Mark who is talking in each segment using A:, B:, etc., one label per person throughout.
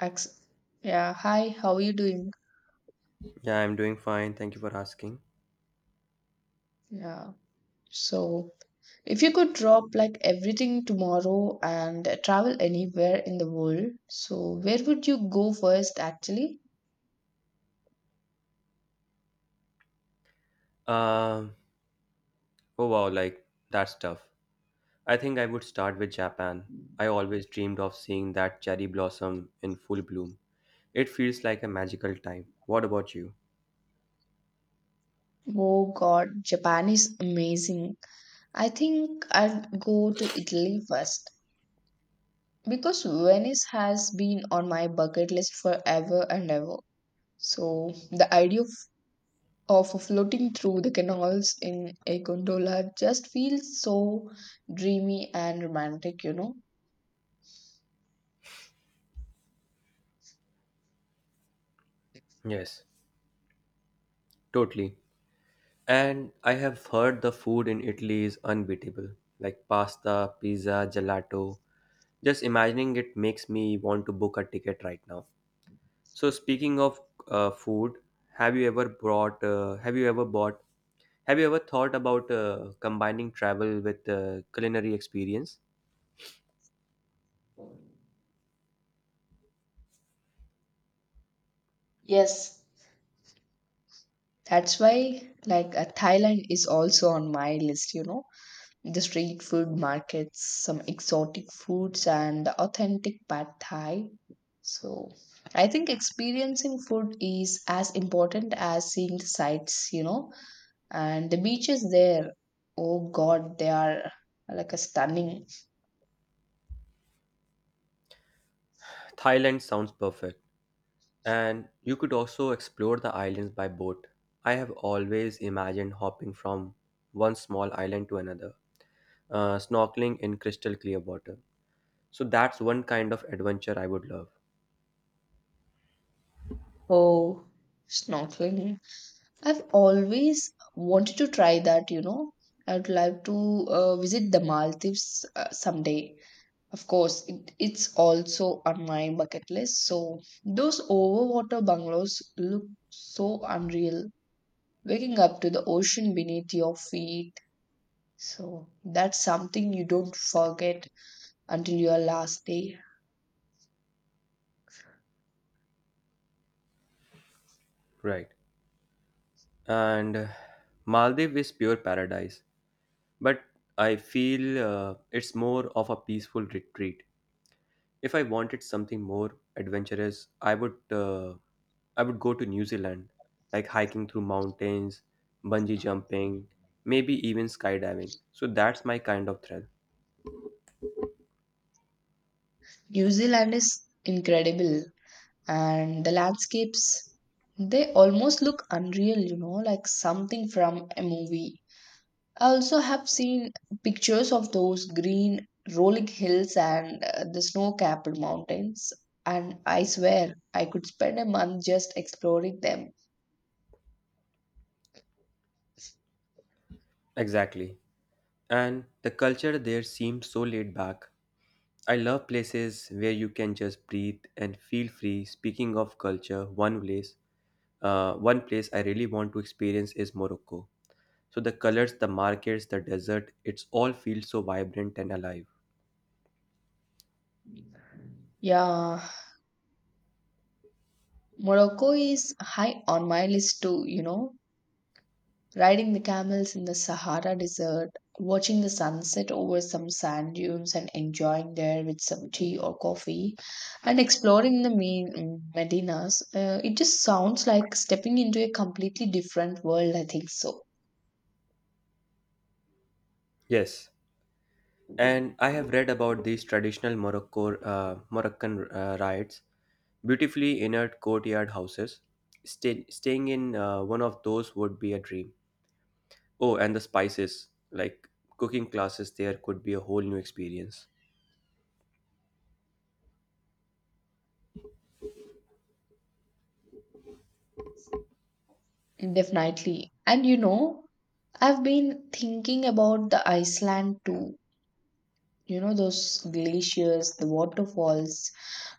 A: Ex- yeah, hi, how are you doing?
B: Yeah, I'm doing fine. Thank you for asking.
A: Yeah. So, if you could drop like everything tomorrow and travel anywhere in the world, so where would you go first actually?
B: Um, oh wow, like that's tough. I think I would start with Japan. I always dreamed of seeing that cherry blossom in full bloom. It feels like a magical time. What about you?
A: Oh God, Japan is amazing. I think I'd go to Italy first because Venice has been on my bucket list forever and ever. So, the idea of floating through the canals in a gondola just feels so dreamy and romantic, you know.
B: Yes, totally. And I have heard the food in Italy is unbeatable, like pasta, pizza, gelato. Just imagining it makes me want to book a ticket right now. So speaking of food, have you ever brought? Have you ever bought Have you ever thought about combining travel with culinary experience?
A: Yes, that's why, like, Thailand is also on my list, you know. The street food markets, some exotic foods, and the authentic pad Thai. So, I think experiencing food is as important as seeing the sights, you know. And the beaches there, oh God, they are like a stunning.
B: Thailand sounds perfect, and you could also explore the islands by boat. I have always imagined hopping from one small island to another, snorkeling in crystal clear water. So that's one kind of adventure I would love.
A: Oh, snorkeling. I've always wanted to try that, you know. I would like to visit the Maldives someday. Of course, it's also on my bucket list. So, those overwater bungalows look so unreal. Waking up to the ocean beneath your feet. So, that's something you don't forget until your last day.
B: Right. And Maldives is pure paradise, but I feel it's more of a peaceful retreat. If I wanted something more adventurous, I would go to New Zealand, like hiking through mountains, bungee jumping, maybe even skydiving. So that's my kind of thrill.
A: New Zealand is incredible, and the landscapes, they almost look unreal, you know, like something from a movie. I also have seen pictures of those green rolling hills and the snow capped mountains, and I swear I could spend a month just exploring them.
B: Exactly. And the culture there seems so laid back. I love places where you can just breathe and feel free. Speaking of culture, one place I really want to experience is Morocco. So the colors, the markets, the desert, it's all feels so vibrant and alive.
A: Yeah, Morocco is high on my list too, you know. Riding the camels in the Sahara Desert, watching the sunset over some sand dunes and enjoying there with some tea or coffee, and exploring the main Medinas, it just sounds like stepping into a completely different world. I think so.
B: Yes, and I have read about these traditional Moroccan rites, beautifully inert courtyard houses. Staying in one of those would be a dream. Oh, and the spices, like cooking classes there could be a whole new experience.
A: Definitely. And you know, I've been thinking about the Iceland too. You know, those glaciers, the waterfalls,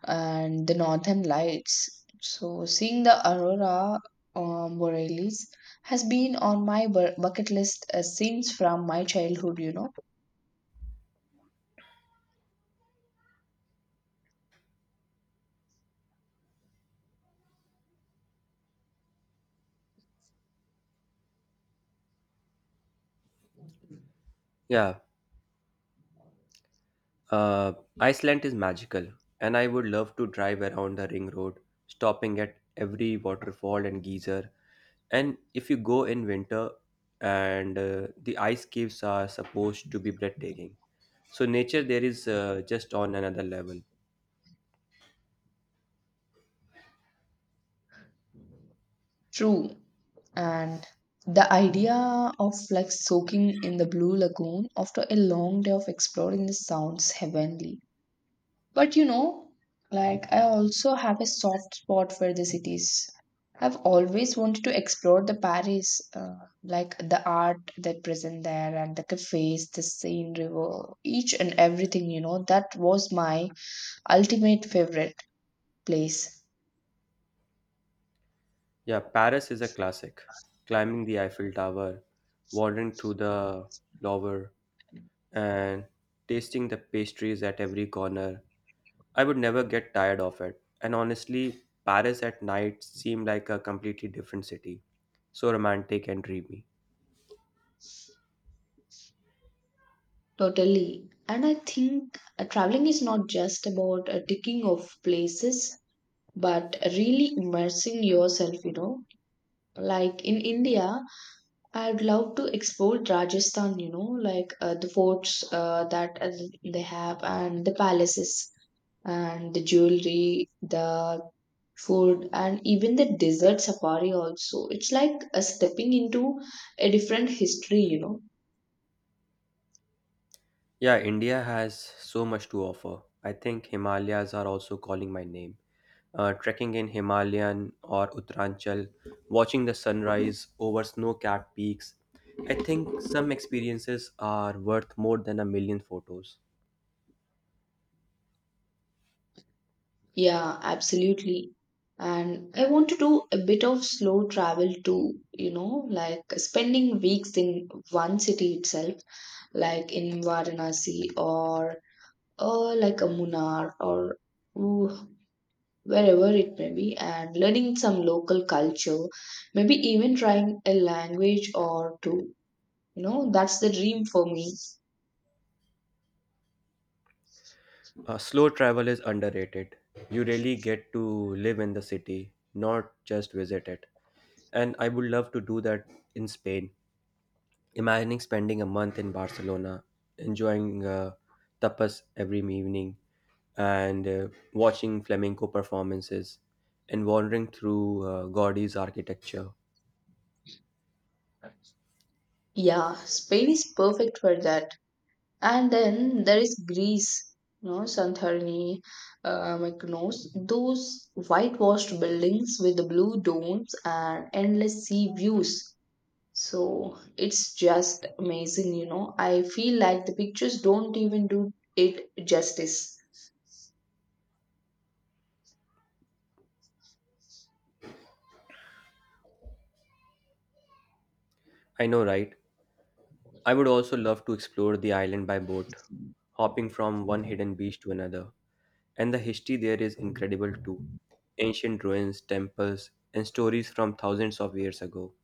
A: and the northern lights. So, seeing the aurora borealis has been on my bucket list since from my childhood, you know.
B: Yeah, uh, Iceland is magical, and I would love to drive around the ring road, stopping at every waterfall and geyser. And if you go in winter, and the ice caves are supposed to be breathtaking. So nature there is just on another level.
A: True. And the idea of like soaking in the blue lagoon after a long day of exploring the sounds heavenly. But you know, like I also have a soft spot for the cities. I've always wanted to explore the Paris, like the art that present there and the cafes, the Seine River, each and everything, you know, that was my ultimate favorite place.
B: Yeah, Paris is a classic. Climbing the Eiffel Tower, wandering through the Louvre, and tasting the pastries at every corner. I would never get tired of it. And honestly, Paris at night seemed like a completely different city. So romantic and dreamy.
A: Totally. And I think traveling is not just about ticking off places, but really immersing yourself, you know. Like in India, I'd love to explore Rajasthan, you know, like the forts that they have, and the palaces, and the jewelry, the food, and even the desert safari, also. It's like a stepping into a different history, you know.
B: Yeah, India has so much to offer. I think Himalayas are also calling my name. Trekking in Himalayan or Uttaranchal, watching the sunrise over snow-capped peaks. I think some experiences are worth more than a million photos.
A: Yeah, absolutely. And I want to do a bit of slow travel too, you know, like spending weeks in one city itself, like in Varanasi or like a Munnar or ooh, wherever it may be, and learning some local culture, maybe even trying a language or two. You know, that's the dream for me.
B: Slow travel is underrated. You really get to live in the city, not just visit it. And I would love to do that in Spain. Imagining spending a month in Barcelona, enjoying tapas every evening, and watching flamenco performances and wandering through Gaudi's architecture.
A: Yeah, Spain is perfect for that. And then there is Greece, you know, Santorini, Mykonos, those whitewashed buildings with the blue domes and endless sea views. So it's just amazing, you know. I feel like the pictures don't even do it justice.
B: I know, right? I would also love to explore the island by boat, hopping from one hidden beach to another. And the history there is incredible too, ancient ruins, temples, and stories from thousands of years ago.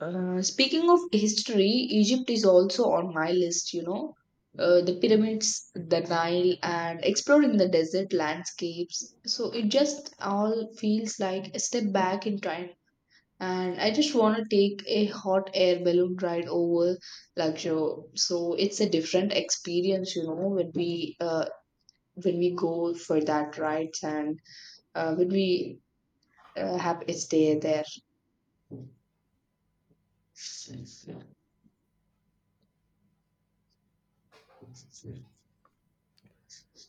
A: Speaking of history, Egypt is also on my list, you know. The pyramids, the Nile, and exploring the desert landscapes. So it just all feels like a step back in time. And I just want to take a hot air balloon ride over Luxor. So it's a different experience, you know, when we go for that rides and when we have a stay there.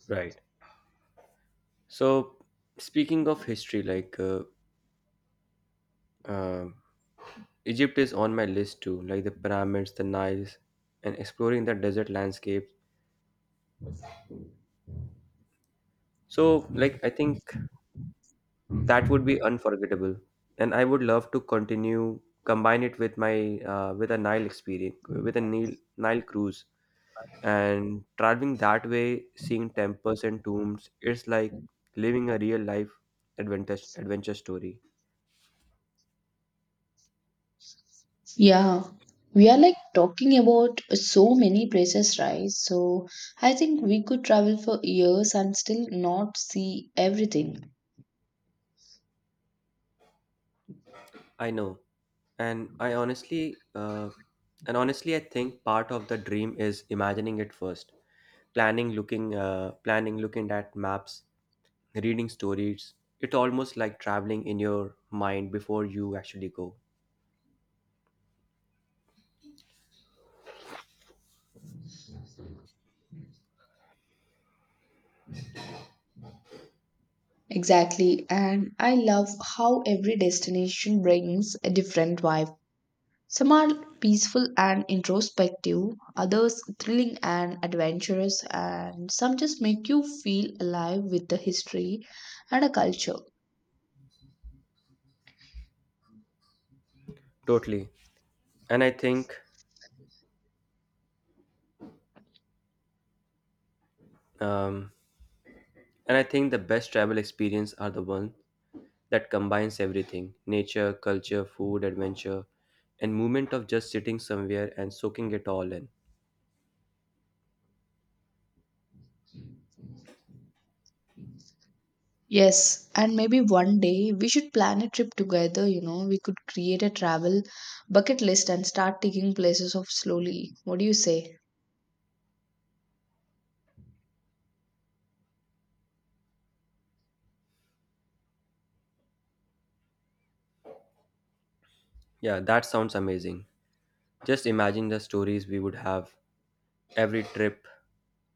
B: Right. So, speaking of history, uh, Egypt is on my list too, like the pyramids, the Niles, and exploring the desert landscapes. So, like, I think that would be unforgettable, and I would love to continue combine it with my with a Nile experience, with a Nile cruise, and traveling that way, seeing temples and tombs, it's like living a real life adventure story.
A: Yeah, we are like talking about so many places, right? So I think we could travel for years and still not see everything.
B: I know, and I honestly, and honestly, I think part of the dream is imagining it first, planning, looking at maps, reading stories. It's almost like traveling in your mind before you actually go.
A: Exactly, and I love how every destination brings a different vibe. Some are peaceful and introspective, others thrilling and adventurous, and some just make you feel alive with the history and a culture.
B: Totally, and um, I think the best travel experience are the one that combines everything, nature, culture, food, adventure, and movement of just sitting somewhere and soaking it all in.
A: Yes, and maybe one day we should plan a trip together. You know, we could create a travel bucket list and start taking places off slowly. What do you say?
B: Yeah, that sounds amazing. Just imagine the stories we would have, every trip,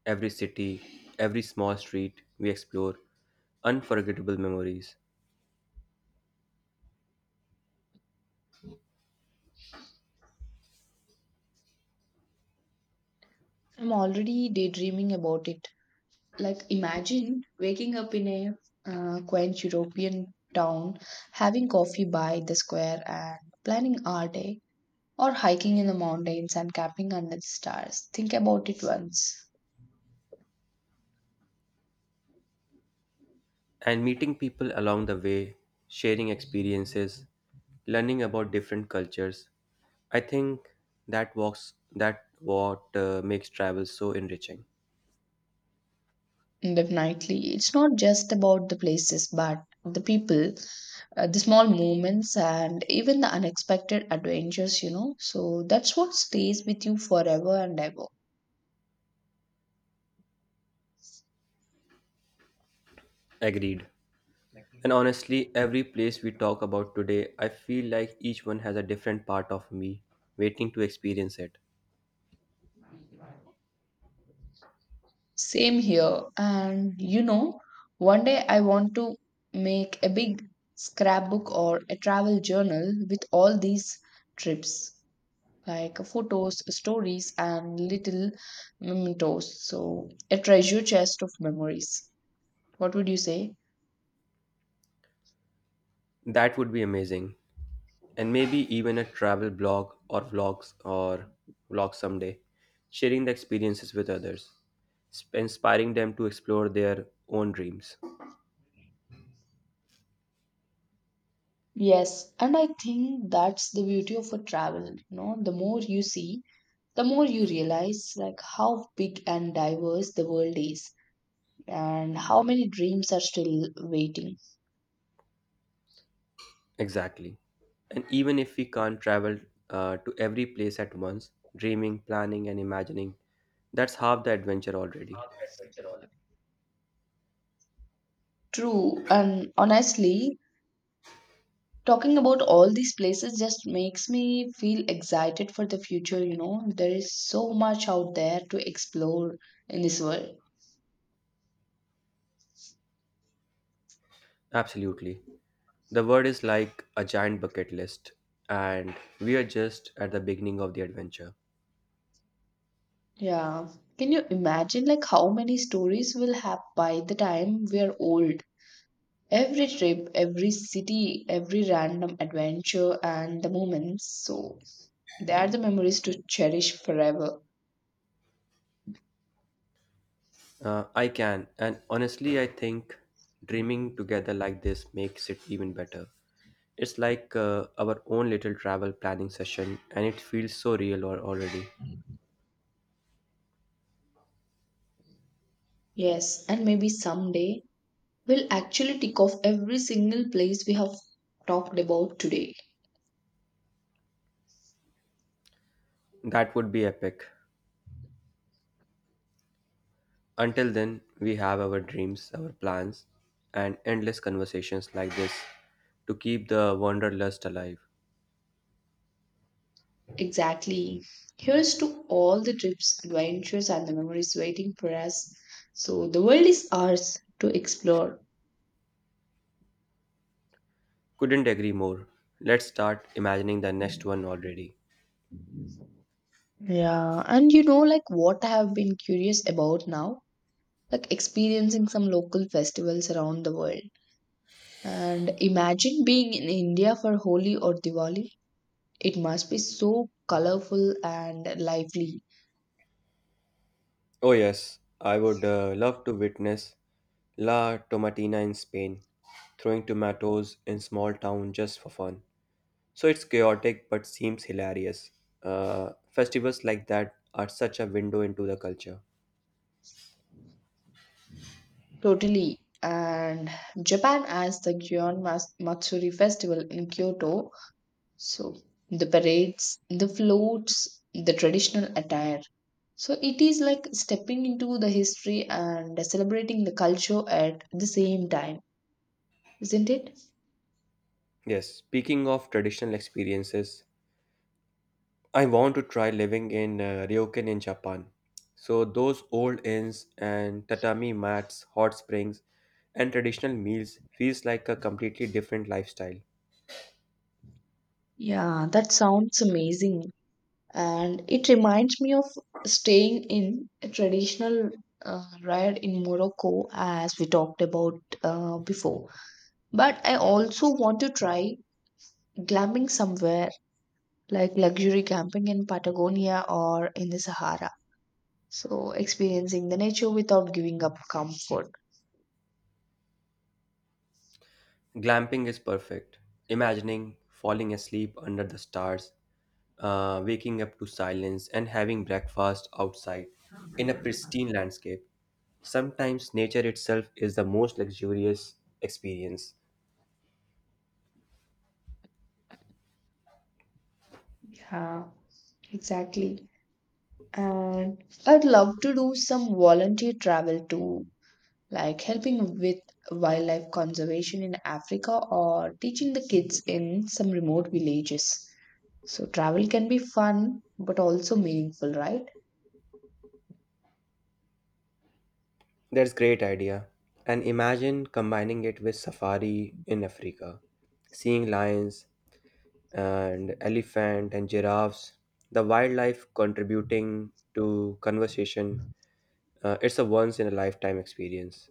B: every city, every small street we explore, unforgettable memories.
A: I'm already daydreaming about it. Like, imagine waking up in a quaint European town, having coffee by the square, and planning our day or hiking in the mountains and camping under the stars. Think about it once.
B: And meeting people along the way, sharing experiences, learning about different cultures. I think that walks that what makes travel so enriching.
A: Definitely. It's not just about the places, but the people, the small moments, and even the unexpected adventures, you know. So that's what stays with you forever and ever.
B: Agreed. And honestly, every place we talk about today, I feel like each one has a different part of me waiting to experience it.
A: Same here. And you know, one day I want to make a big scrapbook or a travel journal with all these trips, like photos, stories, and little mementos. So, a treasure chest of memories. What would you say?
B: That would be amazing. And maybe even a travel blog or vlog someday, sharing the experiences with others, inspiring them to explore their own dreams.
A: Yes, and I think that's the beauty of a travel. You know, the more you see, the more you realize like how big and diverse the world is, and how many dreams are still waiting.
B: Exactly. And even if we can't travel to every place at once, dreaming, planning, and imagining, that's half the adventure already.
A: True, and honestly, talking about all these places just makes me feel excited for the future, you know. There is so much out there to explore in this world.
B: Absolutely. The world is like a giant bucket list, and we are just at the beginning of the adventure.
A: Yeah. Can you imagine like how many stories we'll have by the time we are old? Every trip, every city, every random adventure and the moments. So they are the memories to cherish forever.
B: I can, and honestly, I think dreaming together like this makes it even better. It's like our own little travel planning session, and it feels so real or already.
A: Yes, and maybe someday we'll actually tick off every single place we have talked about today.
B: That would be epic. Until then, we have our dreams, our plans, and endless conversations like this to keep the wanderlust alive.
A: Exactly. Here's to all the trips, adventures, and the memories waiting for us. So the world is ours to explore.
B: Couldn't agree more. Let's start imagining the next one already.
A: Yeah, and you know, like what I have been curious about now, like experiencing some local festivals around the world. And imagine being in India for Holi or Diwali. It must be so colorful and lively.
B: Oh, yes, I would love to witness La Tomatina in Spain, throwing tomatoes in small town just for fun. So it's chaotic but seems hilarious. Festivals like that are such a window into the culture.
A: Totally. And Japan has the Gion Matsuri festival in Kyoto. So the parades, the floats, the traditional attire. So it is like stepping into the history and celebrating the culture at the same time, isn't it?
B: Yes, speaking of traditional experiences, I want to try living in Ryokan in Japan. So those old inns and tatami mats, hot springs, and traditional meals feels like a completely different lifestyle.
A: Yeah, that sounds amazing. And it reminds me of staying in a traditional ride in Morocco, as we talked about before. But I also want to try glamping somewhere like luxury camping in Patagonia or in the Sahara. So, experiencing the nature without giving up comfort.
B: Glamping is perfect. Imagining falling asleep under the stars, waking up to silence, and having breakfast outside in a pristine landscape. Sometimes nature itself is the most luxurious experience.
A: Yeah, exactly. And I'd love to do some volunteer travel too, like helping with wildlife conservation in Africa or teaching the kids in some remote villages. So, travel can be fun but also meaningful, right?
B: That's great idea. And imagine combining it with safari in Africa, seeing lions and elephant and giraffes, the wildlife contributing to conversation. It's a once in a lifetime experience.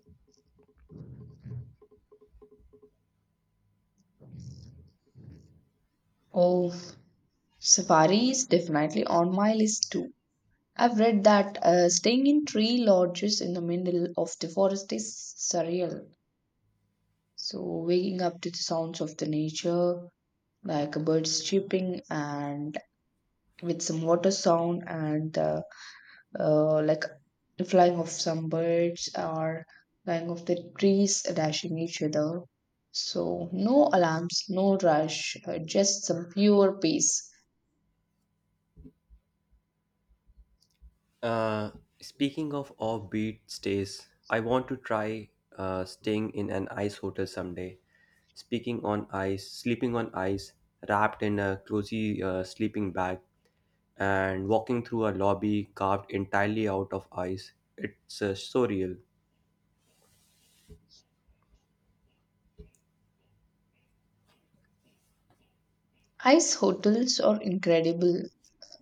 A: Oh, safari is definitely on my list too. I've read that staying in tree lodges in the middle of the forest is surreal. So, waking up to the sounds of the nature, like birds chirping, and with some water sound, and like the flying of some birds or flying of the trees dashing each other. So, no alarms, no rush, just some pure peace.
B: Uh, Speaking of offbeat stays, I want to try staying in an ice hotel someday. Speaking on ice, sleeping on ice, wrapped in a cozy sleeping bag, and walking through a lobby carved entirely out of ice. It's so real.
A: Ice hotels are incredible.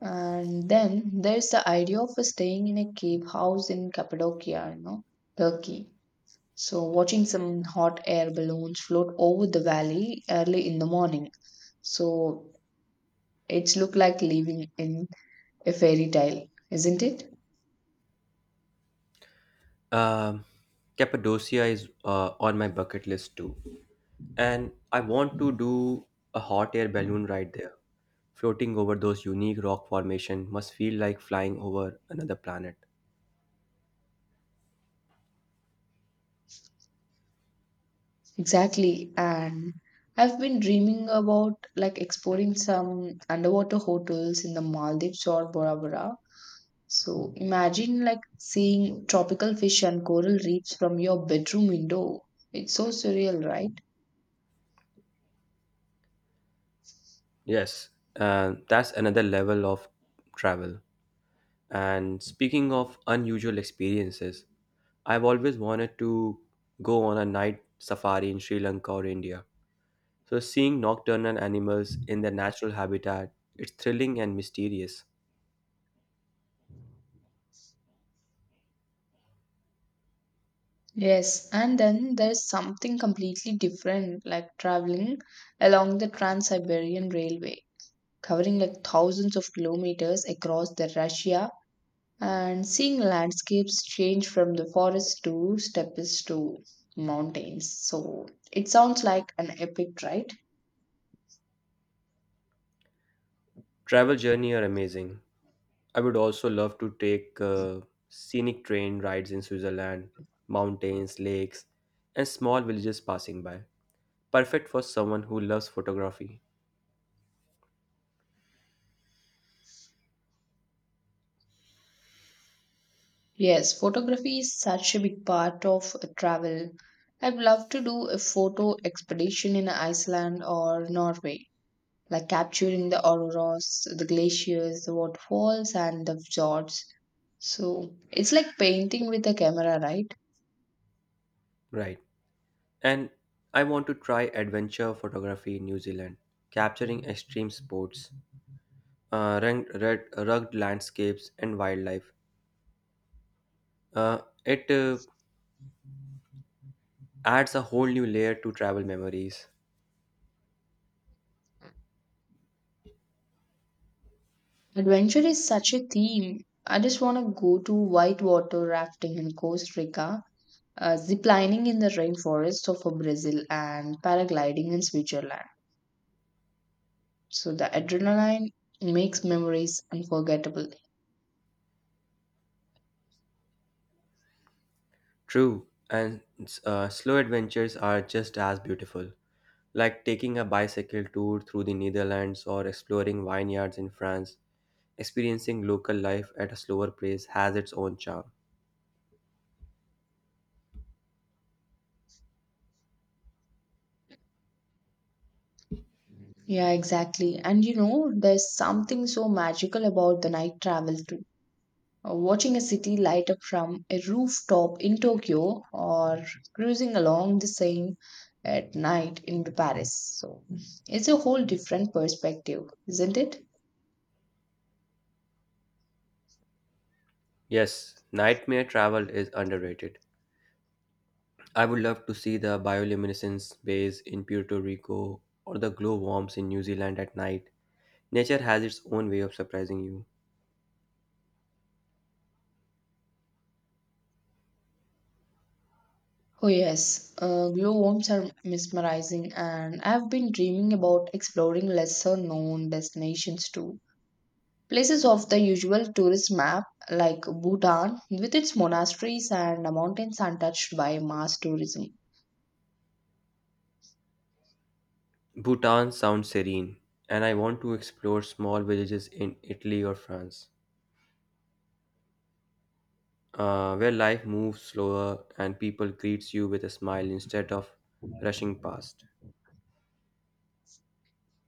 A: And then there's the idea of staying in a cave house in Cappadocia, you know, Turkey. So, watching some hot air balloons float over the valley early in the morning. So, it's look like living in a fairy tale, isn't it?
B: Um, Cappadocia is on my bucket list too, and I want to do a hot air balloon ride there. Floating over those unique rock formation must feel like flying over another planet.
A: Exactly. And I've been dreaming about like exploring some underwater hotels in the Maldives or Bora Bora. So, imagine like seeing tropical fish and coral reefs from your bedroom window. It's so surreal, right?
B: Yes, that's another level of travel. And speaking of unusual experiences, I've always wanted to go on a night safari in Sri Lanka or India. So seeing nocturnal animals in their natural habitat, it's thrilling and mysterious.
A: Yes, and then there's something completely different like traveling along the Trans Siberian Railway, covering like thousands of kilometers across the Russia and seeing landscapes change from the forest to steppes to mountains. So it sounds like an epic, right?
B: Travel journey are amazing. I would also love to take scenic train rides in Switzerland, mountains, lakes, and small villages passing by. Perfect for someone who loves photography.
A: Yes, photography is such a big part of travel. I'd love to do a photo expedition in Iceland or Norway like capturing the auroras, the glaciers, the waterfalls, and the fjords. So it's like painting with a camera, right?
B: Right. And I want to try adventure photography in New Zealand, capturing extreme sports, rugged landscapes, and wildlife. It adds a whole new layer to travel memories.
A: Adventure is such a theme. I just want to go to whitewater rafting in Costa Rica, ziplining in the rainforests of Brazil, and paragliding in Switzerland. So the adrenaline makes memories unforgettable.
B: True, and slow adventures are just as beautiful, like taking a bicycle tour through the Netherlands or exploring vineyards in France. Experiencing local life at a slower pace has its own charm.
A: Yeah, exactly. And you know, there's something so magical about the night travel too. Watching a city light up from a rooftop in Tokyo or cruising along the Seine at night in Paris. So it's a whole different perspective, isn't it?
B: Yes, nightmare travel is underrated. I would love to see the bioluminescence bays in Puerto Rico or the glow worms in New Zealand at night. Nature has its own way of surprising you.
A: Oh yes, glowworms are mesmerizing, and I've been dreaming about exploring lesser known destinations too. Places off the usual tourist map, like Bhutan, with its monasteries and mountains untouched by mass tourism.
B: Bhutan sounds serene, and I want to explore small villages in Italy or France, where life moves slower and people greets you with a smile instead of rushing past.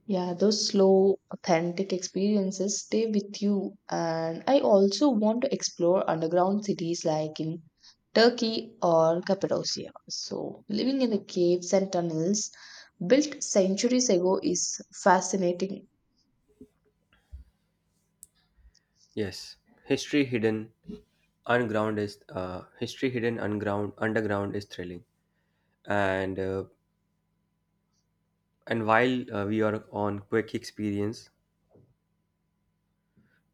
A: Yeah, those slow, authentic experiences stay with you. And I also want to explore underground cities like in Turkey or Cappadocia. So, living in the caves and tunnels built centuries ago is fascinating.
B: Yes, history hidden history hidden unground underground is thrilling. And uh, and while we are on quick experience,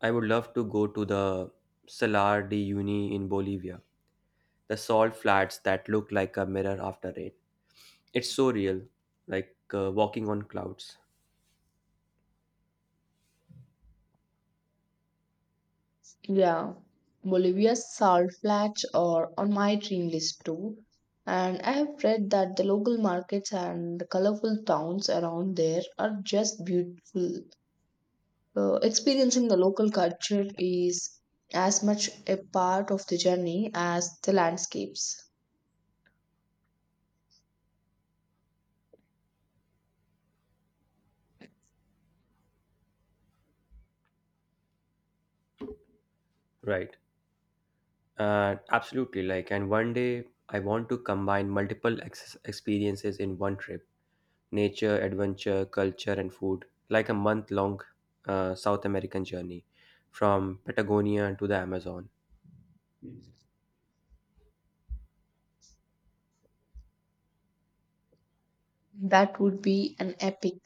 B: I would love to go to the Salar de Uyuni in Bolivia, the salt flats that look like a mirror after rain. It's so real, like walking on clouds.
A: Yeah, Bolivia's salt flats are on my dream list too. And I have read that the local markets and the colorful towns around there are just beautiful. Experiencing the local culture is as much a part of the journey as the landscapes.
B: Right. Absolutely. Like, and one day I want to combine multiple experiences in one trip, nature, adventure, culture, and food, like a month long South American journey from Patagonia to the Amazon.
A: That would be an epic.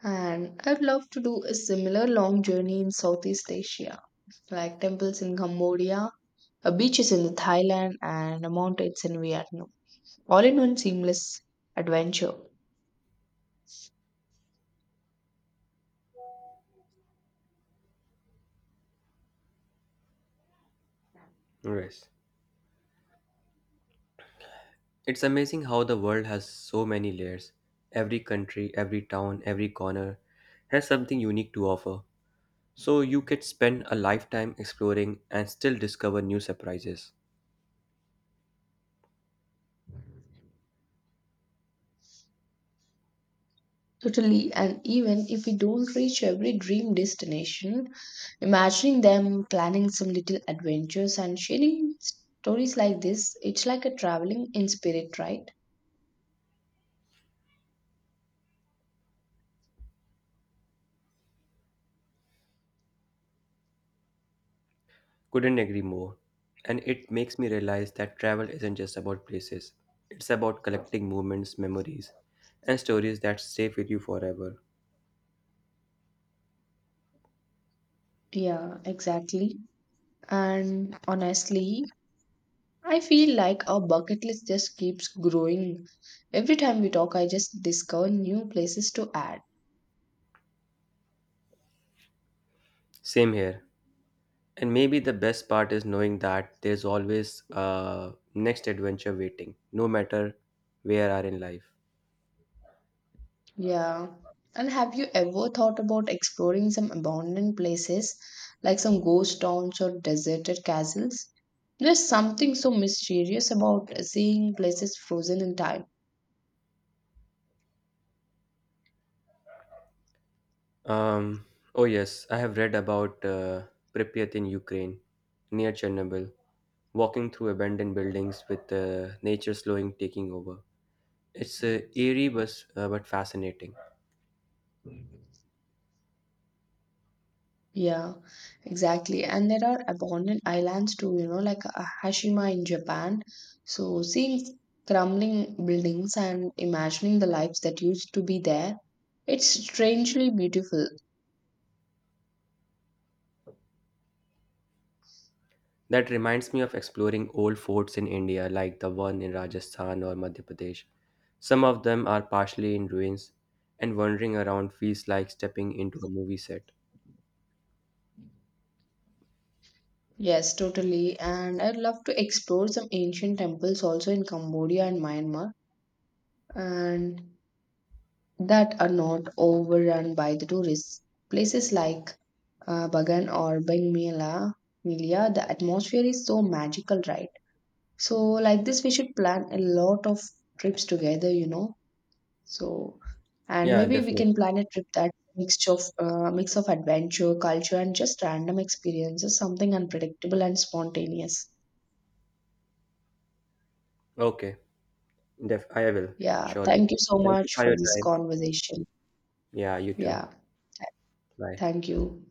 A: And I'd love to do a similar long journey in Southeast Asia, like temples in Cambodia, beaches in Thailand, and mountains in Vietnam. All in one seamless adventure.
B: Yes. It's amazing how the world has so many layers. Every country, every town, every corner has something unique to offer. So you could spend a lifetime exploring and still discover new surprises.
A: Totally, and even if we don't reach every dream destination, imagining them planning some little adventures and sharing stories like this, it's like a traveling in spirit, right?
B: Couldn't agree more. And it makes me realize that travel isn't just about places, it's about collecting moments, memories, and stories that stay with you forever.
A: Yeah, exactly. And honestly, I feel like our bucket list just keeps growing. Every time we talk, I just discover new places to add.
B: Same here. And maybe the best part is knowing that there's always a next adventure waiting, no matter where are in life.
A: Yeah. And have you ever thought about exploring some abandoned places, like some ghost towns or deserted castles? There's something so mysterious about seeing places frozen in time.
B: Um, oh yes, I have read about Pripyat in Ukraine, near Chernobyl, walking through abandoned buildings with nature slowing taking over. It's eerie, but fascinating.
A: Yeah, exactly. And there are abandoned islands too, you know, like Hashima in Japan. So seeing crumbling buildings and imagining the lives that used to be there, it's strangely beautiful.
B: That reminds me of exploring old forts in India, like the one in Rajasthan or Madhya Pradesh. Some of them are partially in ruins, and wandering around feels like stepping into a movie set.
A: Yes, totally. And I'd love to explore some ancient temples also in Cambodia and Myanmar, and that are not overrun by the tourists. Places like Bagan or Bang Mela, Milia, the atmosphere is so magical, right? So, like this, we should plan a lot of trips together, you know. So, and
B: Yeah,
A: maybe we
B: definitely.
A: can plan a trip that mixture of mix of adventure, culture, and just random experiences, something unpredictable and spontaneous.
B: Okay, I will,
A: Yeah,
B: surely.
A: thank you so
B: Thank you
A: much
B: for
A: for
B: your
A: this
B: time.
A: conversation.
B: Yeah, you too.
A: Yeah,
B: Bye.
A: thank you.